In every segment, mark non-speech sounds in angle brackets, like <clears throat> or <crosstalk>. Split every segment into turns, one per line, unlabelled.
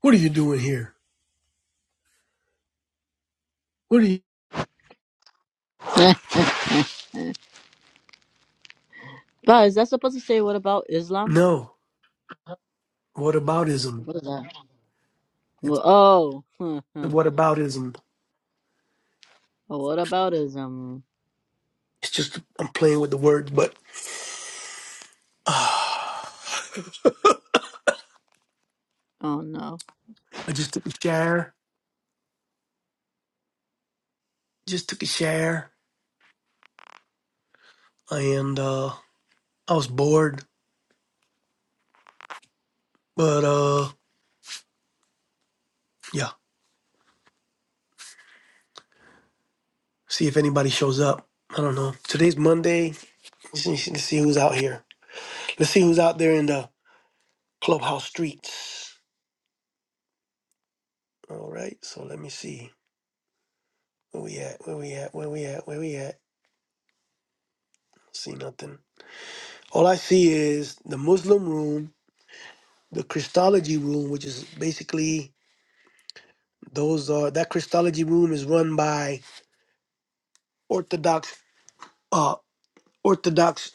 What are you doing here? What are you?
But is that supposed to say what about Islam?
No. What aboutism?
What is that?
It's
Well, oh, huh, huh.
what aboutism?
Oh, what about Islam?
It's just I'm playing with the words, but <sighs> uh, I
Oh no.
just took a shower. Just took a shower, and uh, I was bored. But uh, yeah, see if anybody shows up. I don't know. Today's Monday. Let's see let's see who's out here. Let's see who's out there in the clubhouse streets. All right. So let me see where we at. Where we at? Where we at? Where we at? See nothing. All I see is the Muslim room, the Christology room, which is basically those are that Christology room is run by Orthodox, uh, Orthodox,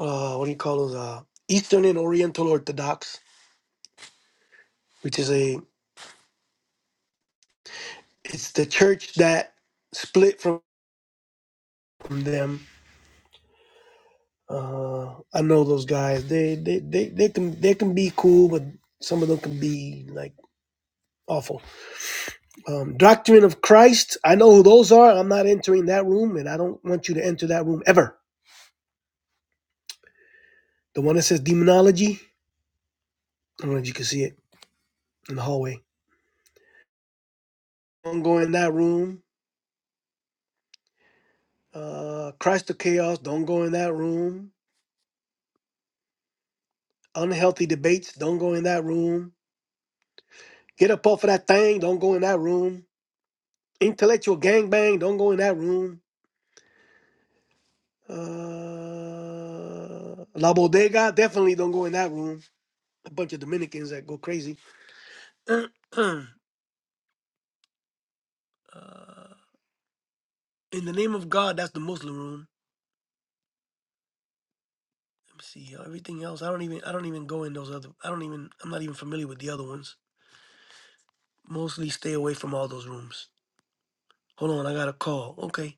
uh, what do you call those? Uh, Eastern and Oriental Orthodox, which is a it's the church that split from them. Uh, I know those guys. They they they they can they can be cool, but some of them can be like awful. Um, Doctrine of Christ, I know who those are. I'm not entering that room, and I don't want you to enter that room ever. The one that says demonology, I don't know if you can see it in the hallway. Don't go in that room. Uh, Christ of Chaos, don't go in that room. Unhealthy debates, don't go in that room. Get up off of that thing, don't go in that room. Intellectual gangbang, don't go in that room. Uh, La Bodega, definitely don't go in that room. A bunch of Dominicans that go crazy. <clears throat> uh, in the name of God, that's the Muslim room. Let me see uh, everything else. I don't even I don't even go in those other. I don't even I'm not even familiar with the other ones. Mostly stay away from all those rooms. Hold on, I got a call. Okay.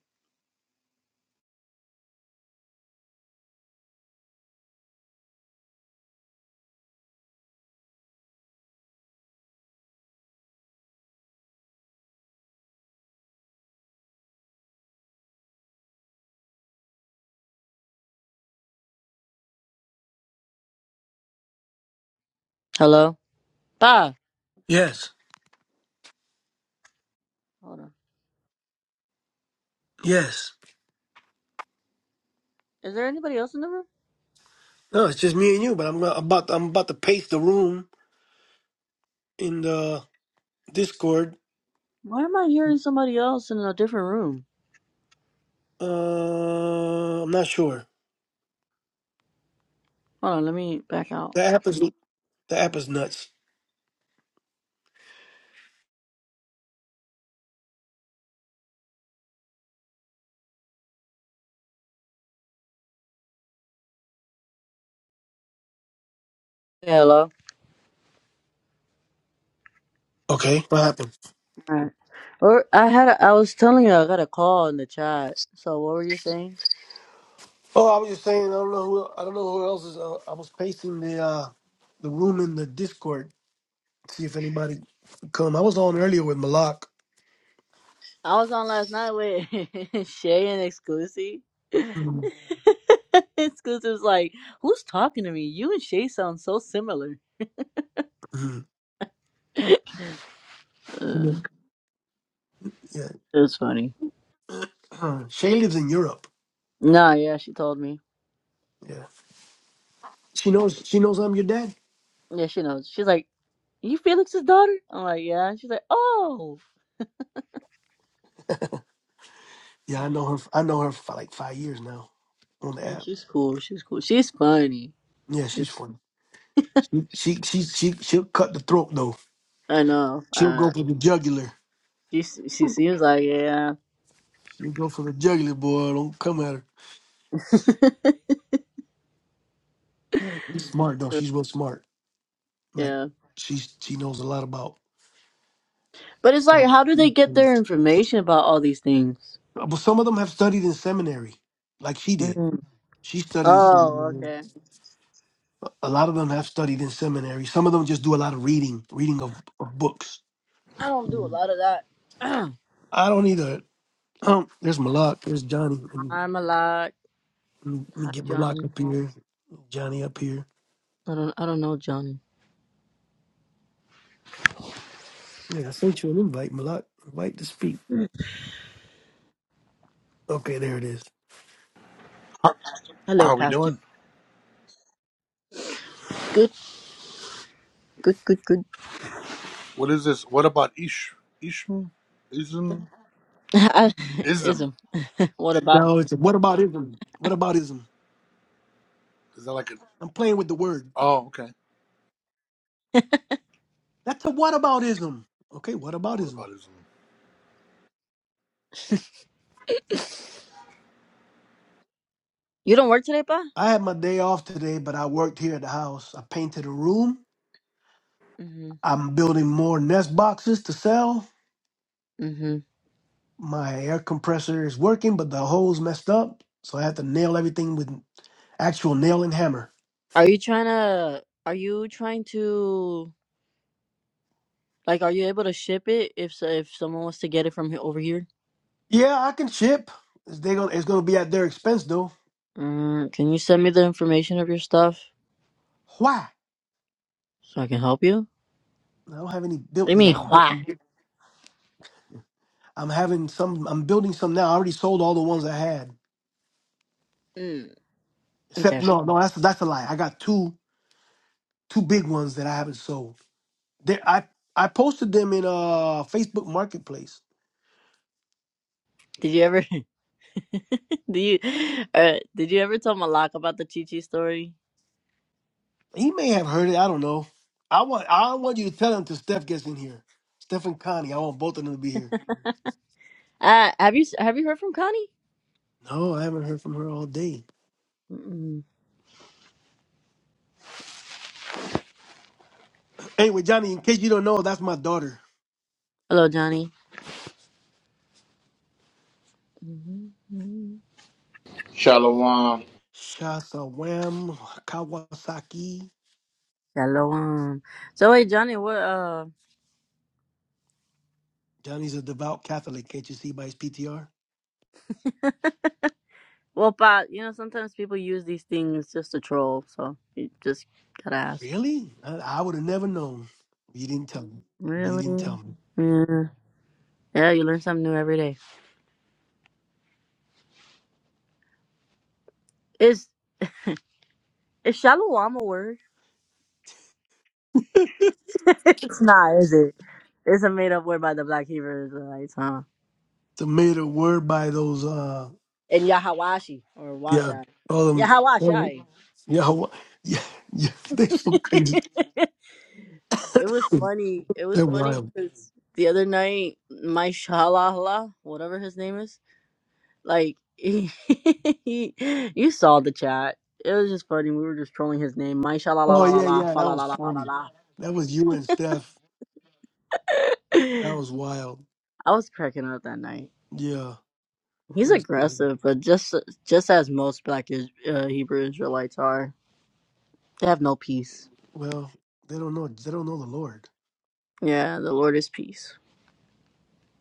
Hello, Ba.
Yes.
Hold on.
Yes.
Is there anybody else in the room?
No, it's just me and you. But I'm gonna, about to, I'm about to paste the room in the Discord.
Why am I hearing somebody else in a different room?
Uh, I'm not sure.
Hold on, let me back out.
The app is the app is nuts.
Yeah, hello.
Okay, what happened?
Alright. Or I had a, I was telling you I got a call in the chat. So what were you saying?
Oh, I was just saying I don't know who I don't know who else is. Uh, I was pasting the uh, the room in the Discord see if anybody come. I was on earlier with Malak.
I was on last night with <laughs> Shay and Exclusive.
Mhm.
<laughs> Exclusive's like, who's talking to me? You and Shay sound so similar.
Mhm. And then, Yeah,
It's funny.
uh, Shay lives in Europe.
Nah, yeah, she told me.
Yeah, she knows. She knows I'm your dad.
Yeah, she knows. She's like, you Felix's daughter? I'm like, yeah. She's like, oh.
Yeah, I know her. I know her for like five years now on the
Yeah,
app.
she's cool. She's cool. She's funny.
Yeah, she's funny. She she she, she she'll cut the throat though.
I know.
She'll go
Uh,
for the jugular.
she she seems like it, yeah,
She'll go for the jugular, boy. Don't come at her.
<laughs>
She's smart though. She's real smart. Like
yeah.
she's she knows a lot about.
But it's like, how do they get their information about all these things?
But some of them have studied in seminary, like she did.
Mm.
She studied in
Oh,
seminary.
okay.
A lot of them have studied in seminary. Some of them just do a lot of reading, reading of, of books.
I don't do a
Mm.
lot of that. <clears throat>
I don't either. Um, there's Malak. There's Johnny. Let me,
I'm a lot.
let me let me
Hi,
get Malak
Johnny.
up here. Johnny up here.
I don't. I don't know Johnny.
I mean, I sent you an invite, Malak. Invite to speak. Okay, there it is.
How, how
Hello,
are we
Pastor.
doing?
Good, good, good, good.
What is this? What about Ish Ishm? Ism?
<laughs> It's
Ism.
What about
No, it's a what aboutism? What aboutism?
Is that like an
I'm playing with the word.
oh okay.
That's a what aboutism. Okay, what aboutism?
What about Ism?
you? Don't work today, pa?
I had my day off today, but I worked here at the house. I painted a room.
Mhm.
I'm building more nest boxes to sell.
Mhm.
my air compressor is working, but the hole's messed up. So I had to nail everything with actual nail and hammer.
Are you trying to? Are you trying to? Like, are you able to ship it if so- if someone wants to get it from he- over here?
Yeah, I can ship. It's, they gonna, it's gonna be at their expense though.
Mm, can you send me the information of your stuff
Why?
so I can help you?
I don't have any
What do
built
you
yet.
mean,
I'm,
why?
I'm, I'm having some. I'm building some now. I already sold all the ones I had.
Mm,
Except
okay.
no, no, that's that's a lie. I got two two big ones that I haven't sold. They, I I posted them in uh Facebook Marketplace.
Did you ever? <laughs> do you? Uh, did you ever tell Malak about the Chi Chi story?
He may have heard it. I don't know. I want I don't want you to tell him till Steph gets in here. Steph and Connie. I want both of them to be here.
Uh, have you s- have you heard from Connie?
No, I haven't heard from her all day.
Mm-mm.
Anyway, Johnny, in case you don't know, that's my daughter.
Hello, Johnny. Mm-hmm.
Shalom.
Shasa Kawasaki.
Shalom. So wait, Johnny, what? uh,
Johnny's a devout Catholic, can't you see by his PTR?
Well, but you know, sometimes people use these things just to troll, so you just gotta ask.
Really? I, I would have never known. You didn't tell me. You didn't
Really?
tell me.
Yeah. Yeah, you learn something new every day. Is is shalom a word? <laughs> it's not, is it? It's a made up word by the Black Hebrew Israelites, huh?
It's a made a word by those uh
And Yahawashi or
yeah,
Washai.
all them
Yahawashai.
yeah, <laughs> Hawa- yeah, yeah, <laughs> they're
<laughs>
so crazy.
it was
<laughs>
funny. It was
They're
funny
wild.
because the other night, my shalala, whatever his name is, Like <laughs> he, you saw the chat. It was just funny. We were just trolling his name. My sha la la
Oh
la la
yeah,
la
yeah,
fa
that
la la
was
la la la.
funny.
la.
That was you and Steph. That was wild.
I was cracking up that night.
Yeah, it
He's
was. cool.
aggressive, but just just as most Black is, uh, Hebrew Israelites are, they have no peace.
Well, they don't know. They don't know the Lord.
Yeah, the Lord is peace.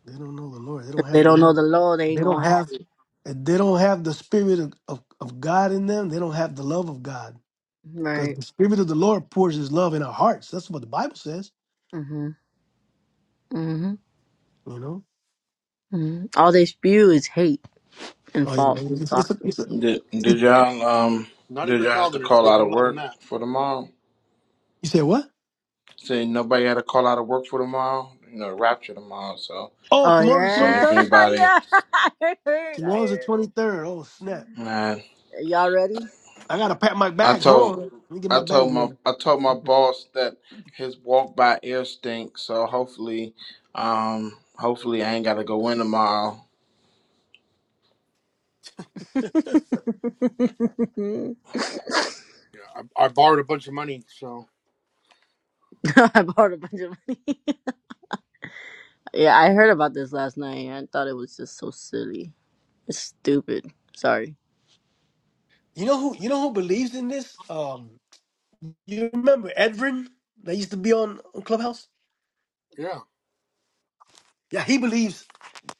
They don't know the Lord. They
If
don't
they
have the
don't know
love.
the law, they ain't
They don't
gonna have
have.
it.
They don't have the spirit of, of, of God in them. They don't have the love of God because
Right.
the spirit of the Lord pours His love in our hearts. That's what the Bible says.
Mhm. Mhm.
You know.
Mhm. All they spew is hate and
Oh yeah,
false
it's, it's, a,
doctrine.
it's, a,
Did,
it,
did y'all um
Not
did
even
y'all have to
Calvinist.
call
There's
out of
no love in
work
that.
for tomorrow?
you said what?
Say nobody had to call out of work for tomorrow. You know, rapture tomorrow. So
Oh,
Oh
tomorrow's the
just
twenty
saying
yeah,
if
third.
<laughs>
anybody,
yeah. <laughs> I heard. I
Tomorrow's the
heard.
twenty third. Oh snap!
man,
Y'all ready?
I gotta pack my
I
bags. Hold
told
on. Let me get my
I
bags
told my
ready.
I told my boss that his walk by air stinks. So hopefully, um, hopefully I ain't got to go in tomorrow.
<laughs> I
Yeah. I, I borrowed a bunch of money, so
borrowed a bunch of money. <laughs> yeah, I heard about this last night. I thought it was just so silly. It's stupid. Sorry.
You know who? You know who believes in this? Um, you remember Edvin that used to be on, on Clubhouse?
yeah.
Yeah, he believes.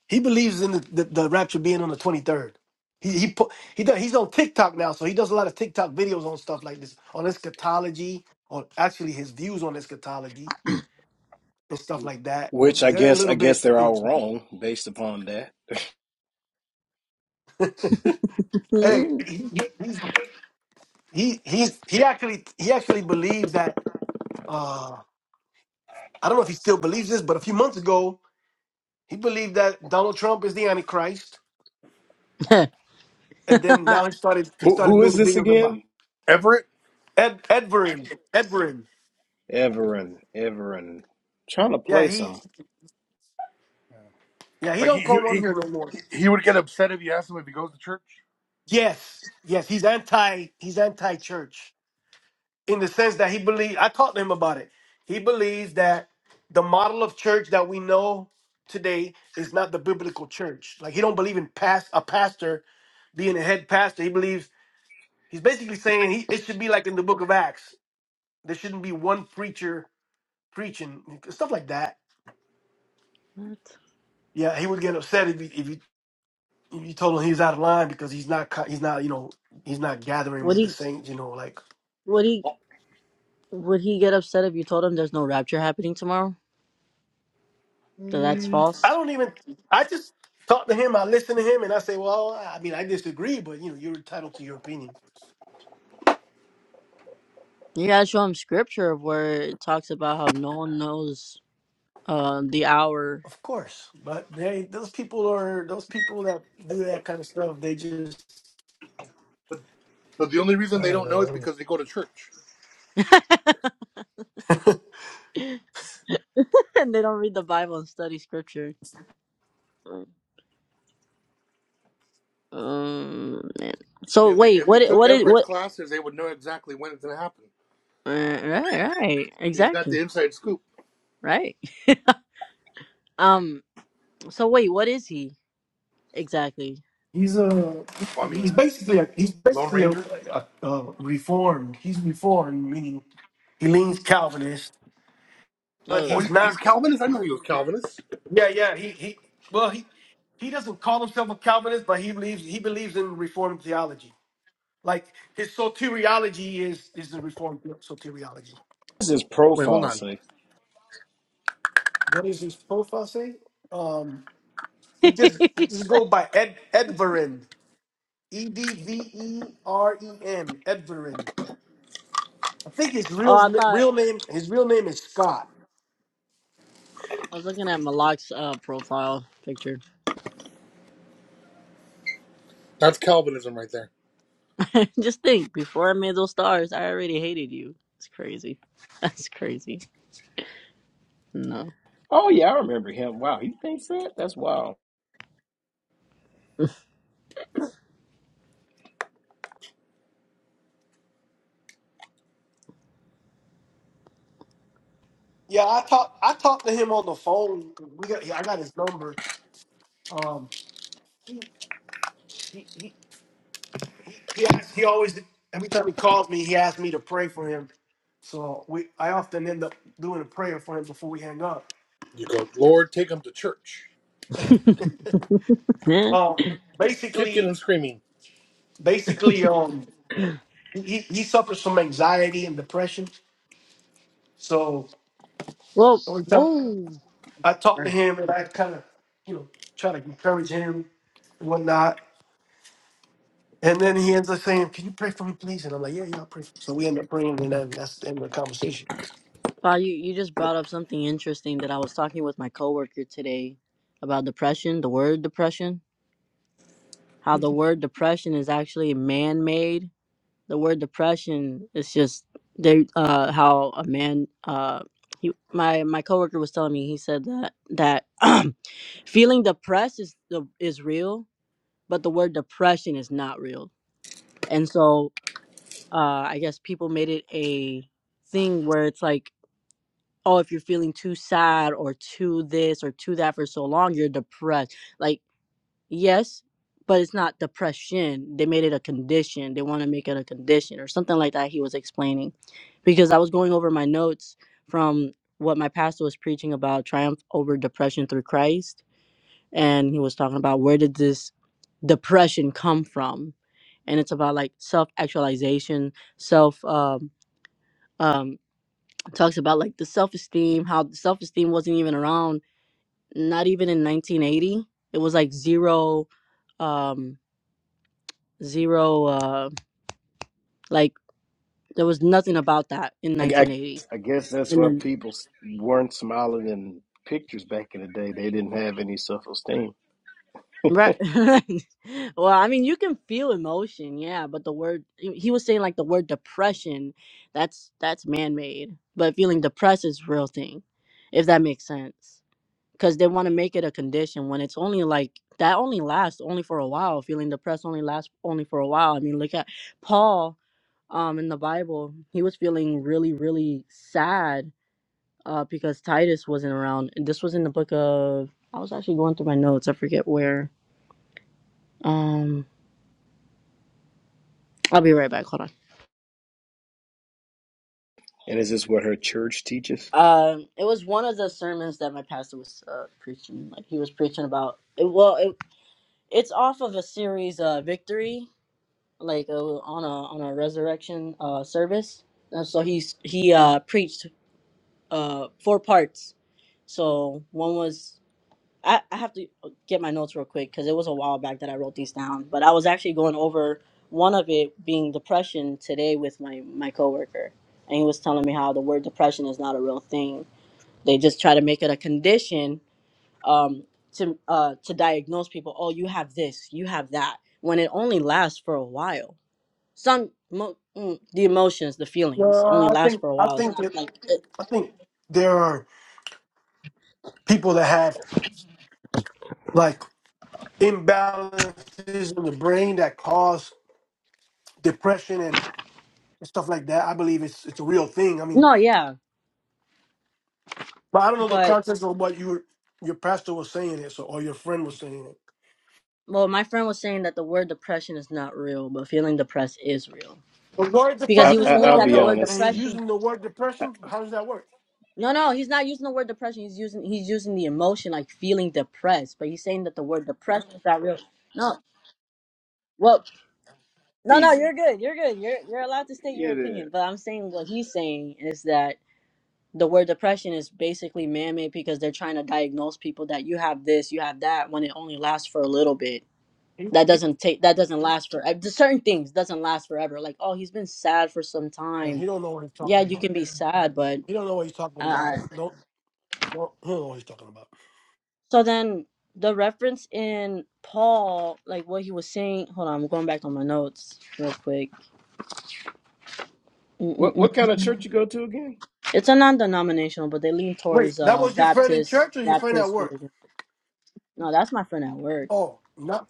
He believes in the, the, the rapture being on the twenty third. He he put he does, he's on TikTok now, so he does a lot of TikTok videos on stuff like this, on eschatology, on actually his views on eschatology and stuff
Dude.
like that.
Which I
They're a
guess I
little
guess
bit,
they're
you know.
all wrong based upon that.
<laughs>
Hey,
what?
he, he's he he's he actually he actually believes that. uh I don't know if he still believes this, but a few months ago He believed that Donald Trump is the Antichrist, and then now he started he
Who
started
who is
doing
this
videos about
again?
Everett?
Ed Edverin. Edverin.
Everin. Everin. Trying to
Yeah,
play
he
some.
yeah he
Like he,
don't
he
come on
he
here no more.
he would get upset if you asked him if he goes to church.
Yes, yes, he's anti he's anti church in the sense that he believe I talked to him about it. He believes that the model of church that we know today is not the biblical church. Like he don't believe in past a pastor being a head pastor. He believes he's basically saying he, it should be like in the book of Acts. There shouldn't be one preacher preaching stuff like that. Yeah, he would get upset if you if you, if you told him he's out of line because he's not co- he's not you know he's not gathering
Would
with the
he?
saints. You know, like
Would he? Would he get upset if you told him there's no rapture happening tomorrow? That that's
Mm.
I
false.
don't even I just talk to him, I listen to him, and I say, well, I mean, I disagree, but you know, you're entitled to your opinion,
You gotta show him scripture of where it talks about how no one knows uh, the hour,
of course. But they those people are those people that do that kind of stuff. They just
But, but the only
I
reason they
don't
don't know is
know.
because they go to church.
<laughs> and they don't read the Bible and study scripture. Um, man. So
If they,
wait,
if
what?
they
i-
took
What is? What?
Everett's classes, they would know exactly when it's going to happen.
Right, right, right.
He's got
Exactly.
the inside scoop.
Right. Um, so wait, what is he exactly?
He's a
I
he's
mean,
basically a, he's
Lone
basically a,
Ranger.
a, a reformed. He's reformed, meaning he leans Calvinist, but
Oh,
Oh.
he's
he- he's
not.
Calvinist. I know he was Calvinist.
Yeah, yeah. He he. Well, he he doesn't call himself a Calvinist, but he believes he believes in Reformed theology. Like his soteriology is is the Reformed soteriology.
What's his
Wait, hold
profile
on.
say?
What does his profile say? Um,
<laughs>
he
oh,
just he
I
just go by Ed Edverin. E D V E R E N Edverin. I think his real
thought
real name his real name is Scott.
I was looking at Malak's uh profile picture.
That's Calvinism right there.
<laughs> Just think, before I made those stars, I already hated you. It's crazy. <laughs> That's crazy. No.
Oh yeah, I remember him. Wow, he thinks that? That's wild.
Yeah, I talked I talked to him on the phone. We got I got his number. Um, he he he he asked, he always every time he calls me, he asks me to pray for him. So we I often end up doing a prayer for him before we hang up.
You go, Lord, take them to church,
<laughs> Yeah.
Um,
kicking
basically,
and screaming.
basically, um, he he suffers from anxiety and depression. So
Well,
every time
oh.
I talk to
Sorry.
him and I kind of you know try to encourage him and whatnot. And then he ends up saying, "Can you pray for me, please?" And I'm like, "Yeah, yeah, I'll pray." For you." So we end up praying, and then that's the end of the conversation.
Wow, you, you just brought up something interesting that I was talking with my coworker today about depression, the word depression, how the word depression is actually man made the word depression is just they uh how a man uh he my my coworker was telling me he said that that <clears throat> feeling depressed is the is real but the word depression is not real and so uh i guess people made it a thing where it's like oh if you're feeling too sad or too this or too that for so long you're depressed like Yes, but it's not depression. They made it a condition. They want to make it a condition or something like that. He was explaining because I was going over my notes from what my pastor was preaching about triumph over depression through Christ. And he was talking about where did this depression come from? And it's about like self actualization, self, um, um, talks about like the self esteem, how self esteem wasn't even around, not even in 1980. It was like zero. Um, zero uh like there was nothing about that in
I, I,
1980
I guess that's
and
why
then
people s- weren't smiling in pictures back in the day. They didn't have any self esteem.
right <laughs> well i mean you can feel emotion yeah but the word he he was saying like the word depression that's that's man-made but feeling depressed is real thing if that makes sense because they want to make it a condition when it's only like that only lasts only for a while feeling depressed only lasts only for a while i mean look at paul um in the bible he was feeling really really sad uh, because Titus wasn't around. And this was in the book of. I was actually going through my notes. I forget where. Um, I'll be right back. Hold on.
And is this what her church teaches?
Um, it was one of the sermons that my pastor was uh, preaching. Like he was preaching about. It, well, it, it's off of a series, uh, victory, like uh, on a on a resurrection uh, service. And so he's he uh, preached uh, four parts. So one was I, I have to get my notes real quick because it was a while back that I wrote these down. But I was actually going over one of it being depression today with my my coworker, and he was telling me how the word depression is not a real thing. They just try to make it a condition um, to uh, to diagnose people. Oh, you have this, you have that, when it only lasts for a while. Some mo- mm, the emotions, the feelings,
No,
only
I
last
think
for a
I
while. It's
think
not
that
like it,
I think there are people that have. like imbalances in the brain that cause depression and stuff like that. I believe it's it's a real thing. I mean,
no, yeah,
but I don't know the
but.
context of what your your pastor was saying it, so or your friend was saying it.
Well, my friend was saying that the word depression is not real, but feeling depressed is real.
The word
Because
I,
he
depression
was
I
is
saying
I'll
not
that
be
the
real,
word
and
honest.
he's
depression
using the word depression. How does that work?
No, no, he's not using the word depression. He's using he's using the emotion like feeling depressed, but he's saying that the word depression is not real. No. Well, no, no, you're
Easy.
good. You're good. You're you're allowed to state your
It is.
opinion, but I'm saying what he's saying is that the word depression is basically man-made because they're trying to diagnose people that you have this, you have that when it only lasts for a little bit
He
that
he,
doesn't take that doesn't last for uh, certain things doesn't last forever like oh he's been sad for some
man,
time
he don't know what he's
yeah
talking
you
about.
can be sad but
He don't know what he's talking
uh
about. Don't don't he don't know what he's talking about.
so then the reference in paul like what he was saying hold on i'm going back on my notes real quick
What
Mm-mm-mm.
what kind of church you go to again?
it's a non-denominational but they lean
Wait,
towards
that
uh
was your friend in
baptist
church or your friend at
baptist
work?
religion no that's my friend at work
Oh, not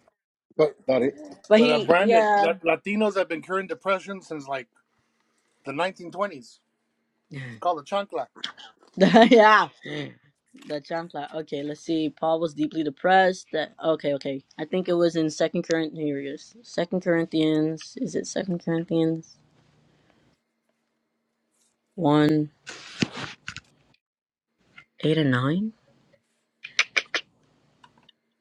But
Thought it.
but
but uh,
he
Brandon,
yeah
La- Latinos have been curing depression since like the 1920s. It's
<laughs>
called the chancla.
<laughs> yeah. The chancla. Okay, let's see. Paul was deeply depressed. That okay, okay. I think it was in Second Corinthians. Here it is. Second Corinthians. Is it Second Corinthians one eight and nine?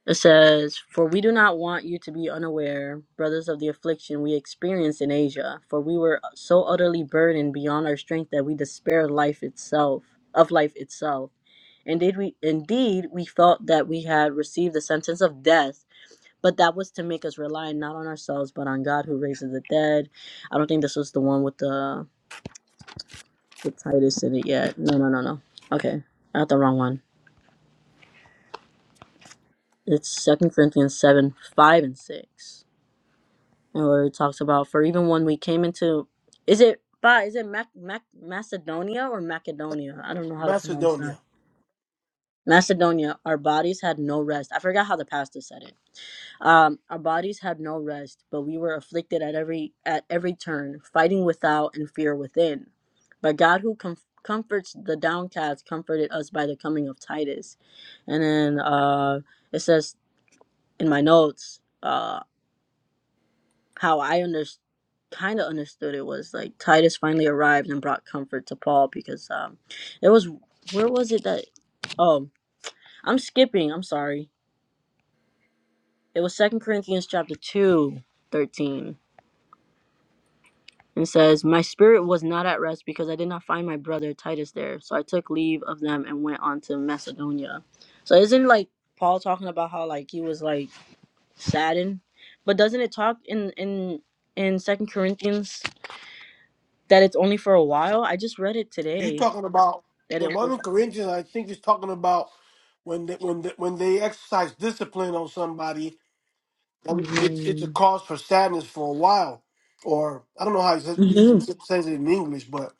It says, "For we do not want you to be unaware, brothers, of the affliction we experienced in Asia. For we were so utterly burdened beyond our strength that we despaired life itself of life itself. Indeed, we indeed we felt that we had received the sentence of death." but that was to make us rely not on ourselves but on God who raises the dead. I don't think this was the one with the with Titus in it yet. No, no, no, no. Okay, I got the wrong one. It's Second Corinthians seven five and six, and where it talks about for even when we came into, is it by is it Mac, Mac, Macedonia or Macedonia? I don't know how to pronounce
Macedonia.
that. Macedonia, our bodies had no rest. I forgot how the pastor said it Um, our bodies had no rest, but we were afflicted at every at every turn, fighting without and fear within. But God, who com- comforts the downcast, comforted us by the coming of Titus. And then uh, it says in my notes uh, how I under- kind of understood it was like Titus finally arrived and brought comfort to Paul because um, it was where was it that oh I'm skipping I'm sorry it was Second Corinthians chapter two thirteen. and says, My spirit was not at rest because I did not find my brother Titus there. So I took leave of them and went on to Macedonia. So isn't like Paul talking about how like he was like saddened? But doesn't it talk in in in Second Corinthians that it's only for a while? I just read it
You
today
talking about
that
the
it
one Corinthians? I think is talking about when they, when they, when they exercise discipline on somebody,
only
that
lasts.
it's it's a
hmm
cause for sadness for a while, or I don't know how he says he
hmm
says- says it in English, but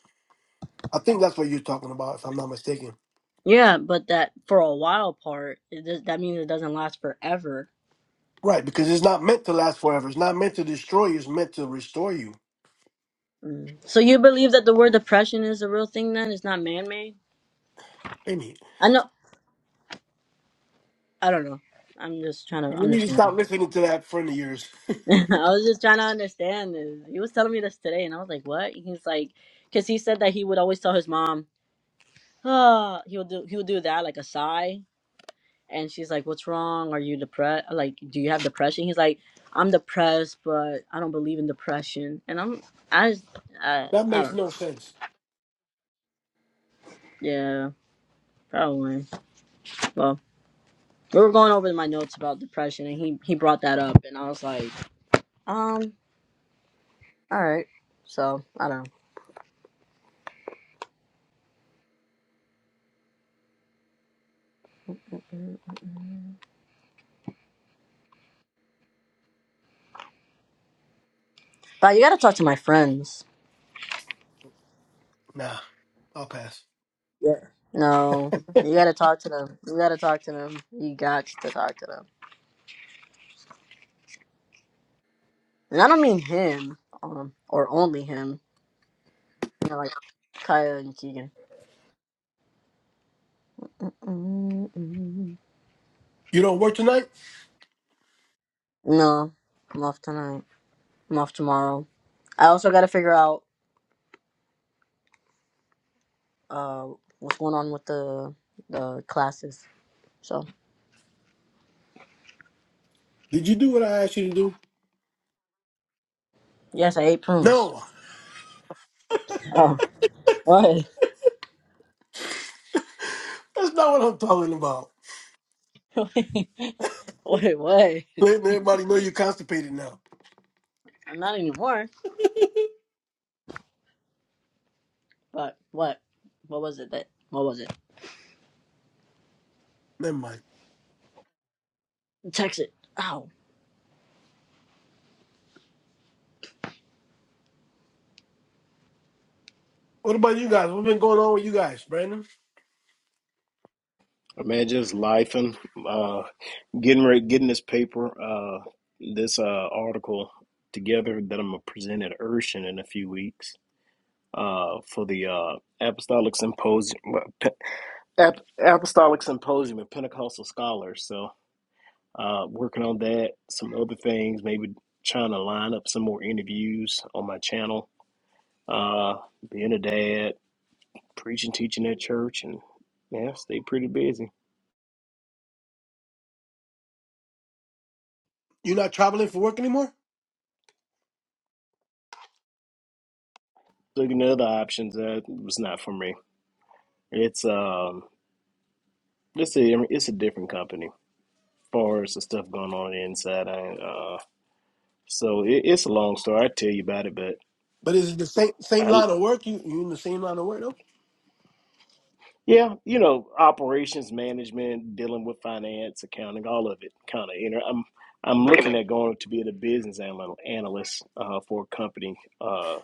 I think that's what you're talking about, if I'm not mistaken.
Yeah, but that for a while part, it does, that means it doesn't last forever.
Right, because it's not meant to last forever. It's not meant to destroy you. It's meant to restore you.
Mm. So you believe that the word depression is a real thing then? It's not man made?
I mean,
I know I don't know. I'm just trying to
you need to
understand.
stop listening to that friend of yours.
<laughs> I was just trying to understand this. He was telling me this today, and I was like, "What?" He's like, because he said that he would always tell his mom, "Oh, he would do he would do that like a sigh," and she's like, "What's wrong? Are you depressed? Like, do you have depression?" He's like, "I'm depressed, but I don't believe in depression." And I'm I just- I,
<laughs> that
I
makes
don't know.
no sense.
Yeah, probably. Well, we were going over my notes about depression, and he he brought that up, and I was like, um, all right. So I don't know. Mm-mm-mm. But you gotta talk to my friends.
Nah, I'll pass.
Yeah. No,
<laughs>
you gotta talk to them. You gotta talk to them. You got to talk to them. And I don't mean him, um, or only him. You know, like Kaya and Keegan. Mm-mm.
You don't work tonight?
No, I'm off tonight. I'm off tomorrow. I also gotta figure out uh what's going on with the the classes. So
Did you do what I asked you to do?
yes, I ate prunes.
No.
Oh, what?
That's not what I'm talking about.
<laughs> Wait, what?
Letting everybody know you're constipated now.
I'm not anymore. But what? What was it that? What was it?
Never mind.
Text it. Ow.
What about you guys? What's been going on with you guys, Brandon?
Man, just life and uh, getting re getting this paper, uh, this uh, article together that I'm gonna present at Urshan in a few weeks uh, for the uh, Apostolic Symposium, Pe- Ap- Apostolic Symposium of Pentecostal Scholars. So, uh, working on that, some other things, maybe trying to line up some more interviews on my channel. Uh, being a dad, preaching, teaching at church, and yeah, stay pretty busy.
You're not traveling for work anymore?
Looking at other options, that was not for me. It's um, it's a it's a different company. As far as the stuff going on inside, I ain't, uh, so it, it's a long story. I tell you about it, but
But is it the same same
I
line of work? You you in the same line of work though?
yeah, you know, operations management, dealing with finance, accounting, all of it, kind of. You know, I'm I'm looking at going to be a business anal- analyst uh, for a company, uh,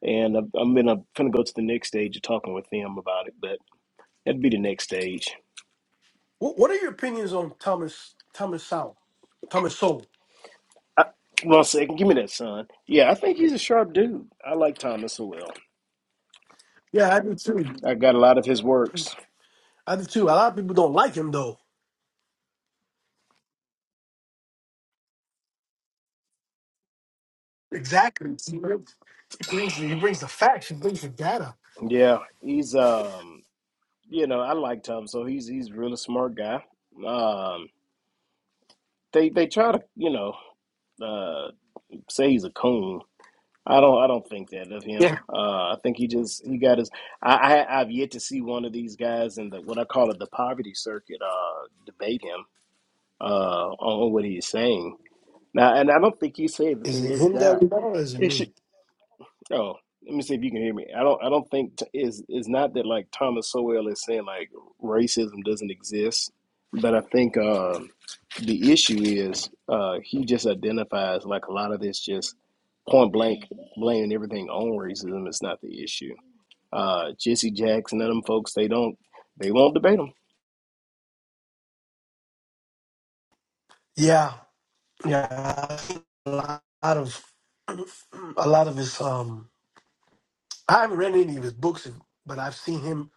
and I'm, I'm gonna finna go to the next stage of talking with them about it, but that'd be the next stage.
What What are your opinions on Thomas Thomas Sowell? Thomas Sowell?
I, one second, give me that, son. Yeah, I think he's a sharp dude. I like Thomas Howell.
Yeah, I do too.
I got a lot of his works.
I do too. A lot of people don't like him though. Exactly. He brings he brings the, he brings the facts. He brings the data.
Yeah, he's um, you know, I like Tom, so he's he's a really smart guy. Um, they they try to you know uh say he's a coon. I don't I don't think that of him.
Yeah.
Uh, I think he just he got his. I, I I've yet to see one of these guys in the what I call it the poverty circuit uh debate him uh on what he's saying now, and I don't think he said that
Is
there
it
is
him that
that
we know, or is it
issue
me?
Oh, let me see if you can hear me. I don't. I don't think t- is it's not that like Thomas Sowell is saying like racism doesn't exist, but I think um, the issue is uh, he just identifies like a lot of this just point blank blaming everything on racism is not the issue. Uh, Jesse Jackson and them folks, they don't they won't debate him.
Yeah. Yeah, I think a lot of a lot of his um I haven't read any of his books but I've seen him,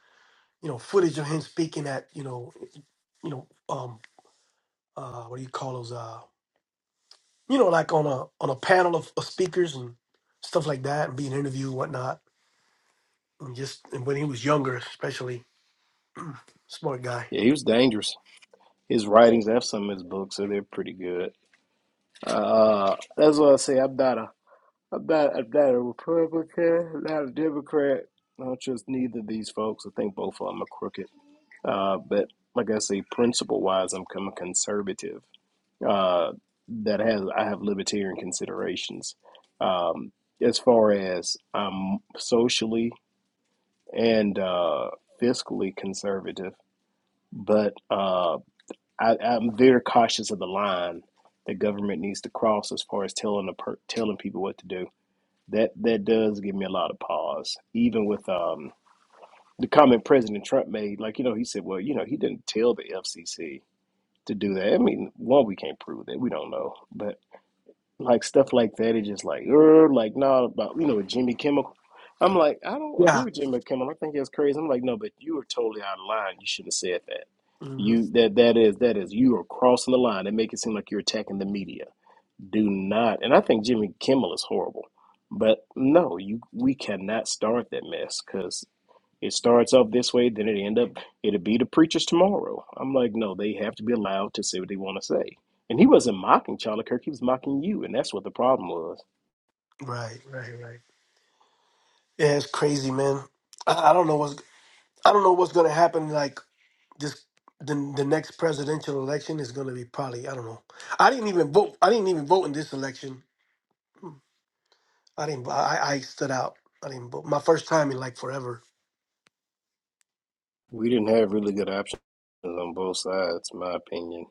you know, footage of him speaking at, you know, you know, um uh what do you call those uh you know, like on a on a panel of, of speakers and stuff like that and being interviewed and whatnot. And just and when he was younger especially <clears throat> smart guy.
Yeah, he was dangerous. His writings, I have some of his books, so they're pretty good. Uh, that's what I say. I'm not a I'm not, I'm not a Republican, not a Democrat. I don't trust neither of these folks. I think both of them are crooked. Uh, but like I say, principle wise, I'm, I'm a conservative uh, that has I have libertarian considerations. Um, as far as I'm socially and uh, fiscally conservative, but uh, I, I'm very cautious of the line the government needs to cross as far as telling the per- telling people what to do that that does give me a lot of pause. Even with um, the comment President Trump made, like you know, he said, "Well, you know, he didn't tell the FCC to do that." I mean, one, we can't prove that. We don't know, but like stuff like that, it's just like, er, like nah, about you know, with Jimmy Kimmel. I'm like, I don't agree
Yeah.
with Jimmy Kimmel. I think that's crazy. I'm like, no, but you were totally out of line. You shouldn't have said that.
hmm
You that that is that is you are crossing the line They make it seem like you're attacking the media do not and i think jimmy kimmel is horrible but no you we cannot start that mess because it starts off this way then it end up it'll be the preachers tomorrow i'm like no they have to be allowed to say what they want to say and he wasn't mocking charlie kirk he was mocking you and that's what the problem was
Right, right, right. Yeah, it's crazy, man. I, I don't know what's I don't know what's gonna happen like This the the next presidential election is going to be probably I don't know. I didn't even vote. I didn't even vote in this election. Hmm. I didn't. I, I stood out. I didn't vote. My first time in like forever.
we didn't have really good options on both sides in my opinion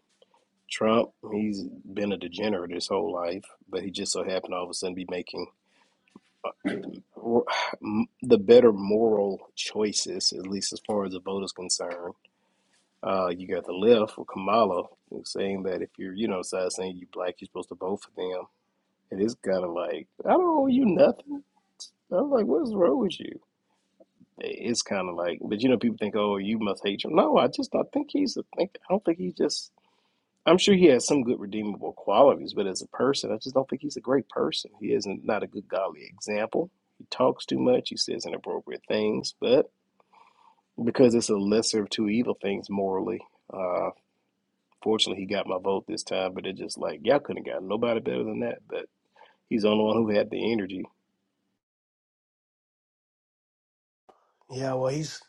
trump he's been a degenerate his whole life but he just so happened to all of a sudden be making r- m- the better moral choices, at least as far as the vote is concerned. Uh, you got the left with Kamala who's saying that if you're, you know, side saying you black, you're supposed to vote for them. It is kind of like I don't owe you nothing. I'm like, what's wrong with you? It's kind of like, but you know, people think, oh, you must hate Trump. No, I just I think he's a think. I don't think he's just. I'm sure he has some good redeemable qualities, but as a person, I just don't think he's a great person. He isn't not a good godly example. He talks too much. He says inappropriate things, but because it's a lesser of two evil things morally, uh, fortunately he got my vote this time. But it's just like y'all couldn't have gotten nobody better than that. But he's the only one who had the energy.
Yeah. Well, he's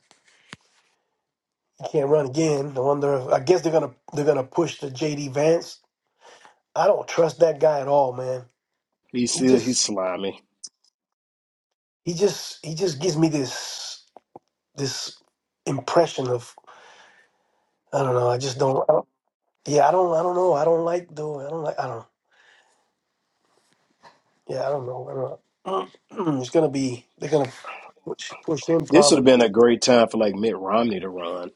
he can't run again. I wonder. If, I guess they're gonna they're gonna push the JD Vance. I don't trust that guy at all, man.
He's
He
still he's
just
slimy.
he just he just gives me this this impression of I don't know. I just don't. I don't yeah. I don't. I don't know. I don't like though. I don't like. I don't know. Yeah, I don't know. I don't know. <clears throat> It's gonna be they're gonna push push him
This would have
probably.
been a great time for like Mitt Romney to run.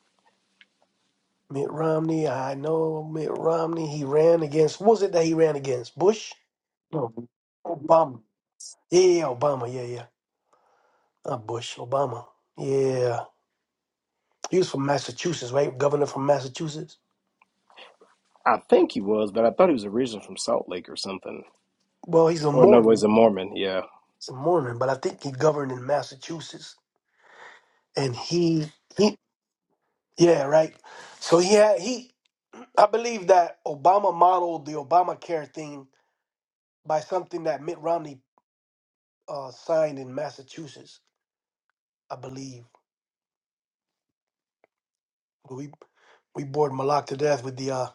Mitt Romney, I know Mitt Romney. He ran against what was it that he ran against? Bush? No, Obama. Yeah, yeah, Obama. Yeah, yeah. Not Bush. Obama. Yeah, he was from Massachusetts, right? Governor from Massachusetts.
I think he was, but I thought he was originally from Salt Lake or something.
Well, he's a
Or no, he's
Mormon.
a Mormon. Yeah,
He's a Mormon, but I think he governed in Massachusetts. And he he yeah right. So he had he I believe that Obama modeled the Obamacare thing by something that Mitt Romney uh, signed in Massachusetts, I believe. We we bored Malak to death with the uh,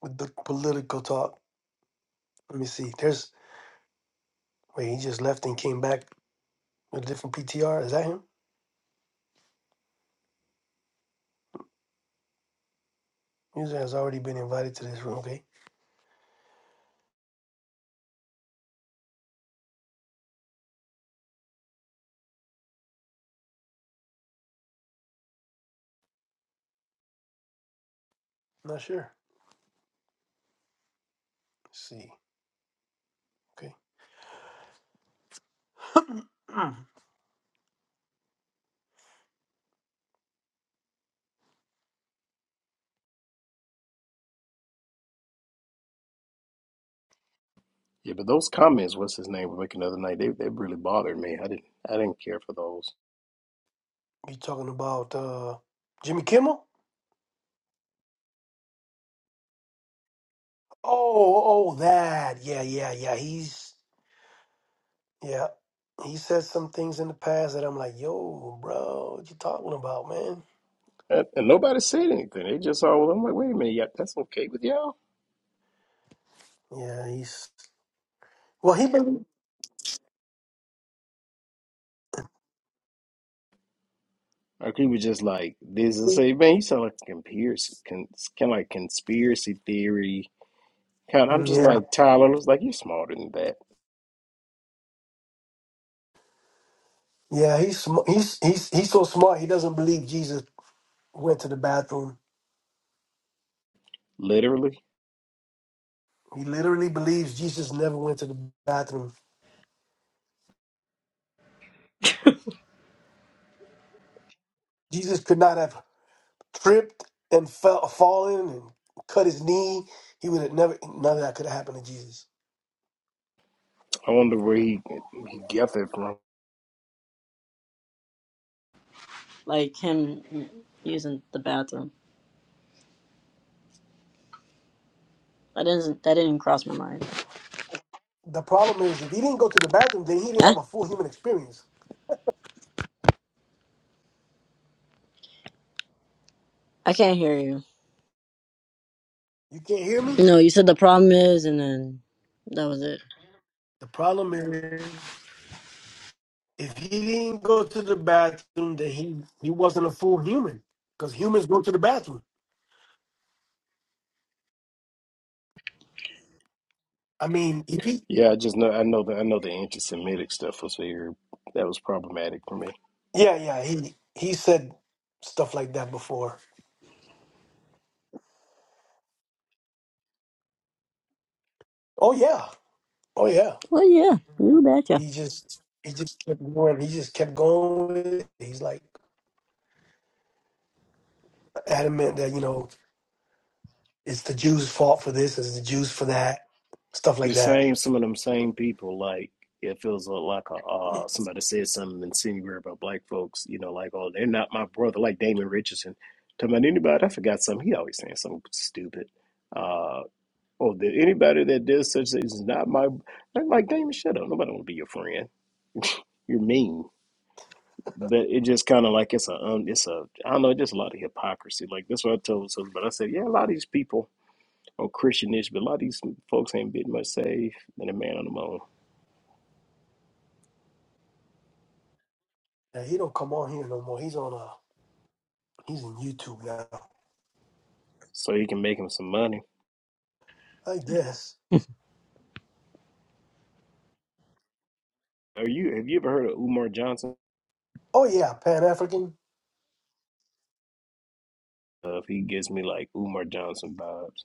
with the political talk. Let me see. There's wait, he just left and came back with a different PTR. Is that him? User has already been invited to this room. Okay, I'm not sure. Let's see. Okay, <clears throat> Mm.
Yeah, but those comments, what's his name was making the other night, they they really bothered me. I didn't I didn't care for those,
you talking about uh, Jimmy Kimmel? Oh, oh, that. Yeah, yeah, yeah. He's yeah. He said some things in the past that I'm like, yo, bro, what you talking about, man?
and, and nobody said anything. They just all I'm like, wait a minute, yeah, that's okay with y'all.
Yeah, he's well. He believe-
Or he was just like, this is
mm,
say, man, you sound like a conspiracy, con, kind of like conspiracy theory. Kind, I'm just
yeah,
like Tyler. was like, you're smarter than that,
yeah. He's sm- he's he's he's so smart. He doesn't believe Jesus went to the bathroom.
literally.
He literally believes Jesus never went to the bathroom. Jesus could not have tripped and fell, fallen and cut his knee. He would have never. None of that could have happened to Jesus.
I wonder where he he got that from.
Like him using the bathroom. That didn't. That didn't cross my mind.
The problem is, if he didn't go to the bathroom, then he didn't
Huh?
have a full human experience.
I can't hear you.
You can't hear me.
No, you said the problem is, and then that was it.
The problem is. If he didn't go to the bathroom, then he he wasn't a full human because humans go to the bathroom. I mean, if he
Yeah, I just know I know the I know the anti-Semitic stuff was here. That was problematic for me.
yeah yeah he he said stuff like that before. Oh yeah, oh yeah.
Well, yeah, you betcha.
He just he just kept going. He just kept going. With it. He's like adamant that you know it's the Jews' fault for this, it's the Jews for that, stuff
the
like that.
same some of them same people like it feels like a uh somebody said something insinuating about black folks you know like oh they're not my brother like Damon Richardson talking about anybody I forgot something he always saying something stupid uh oh that anybody that does such things is not my like, like Damon shut up nobody want to be your friend you're mean but it just kind of like it's a um, it's a I don't know just a lot of hypocrisy like that's what I told some but I said yeah a lot of these people are Christianish but a lot of these folks ain't been much saved than a man on the moon
Yeah, he don't come on here no more. He's on uh he's on YouTube now.
so he can make him some money.
I guess.
Are you have you ever heard of Umar Johnson?
Oh yeah, Pan African.
Uh, if he gives me like Umar Johnson vibes,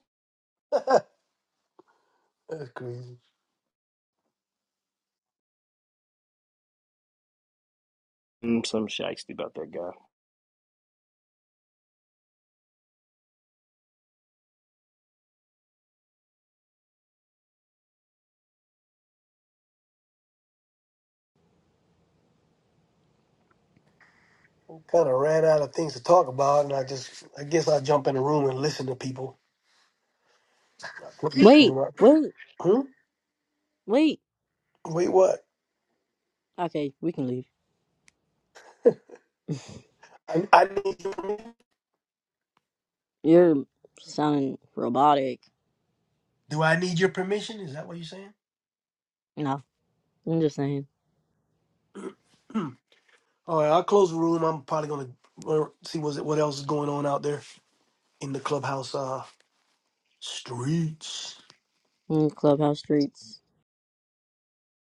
That's crazy.
mm, some shiesty about that guy.
Kind of ran out of things to talk about, and I just, I guess I jump in the room and listen to people.
Wait, wait,
Hmm?
wait.
Wait, what?
Okay, we can leave.
I, I need your permission.
You're sounding robotic.
Do I need your permission? Is that what you're saying?
No, I'm just saying.
Hmm. All right, I'll close the room. I'm probably gonna uh, see what's, what else is going on out there in the clubhouse uh, streets.
Mm, Clubhouse streets.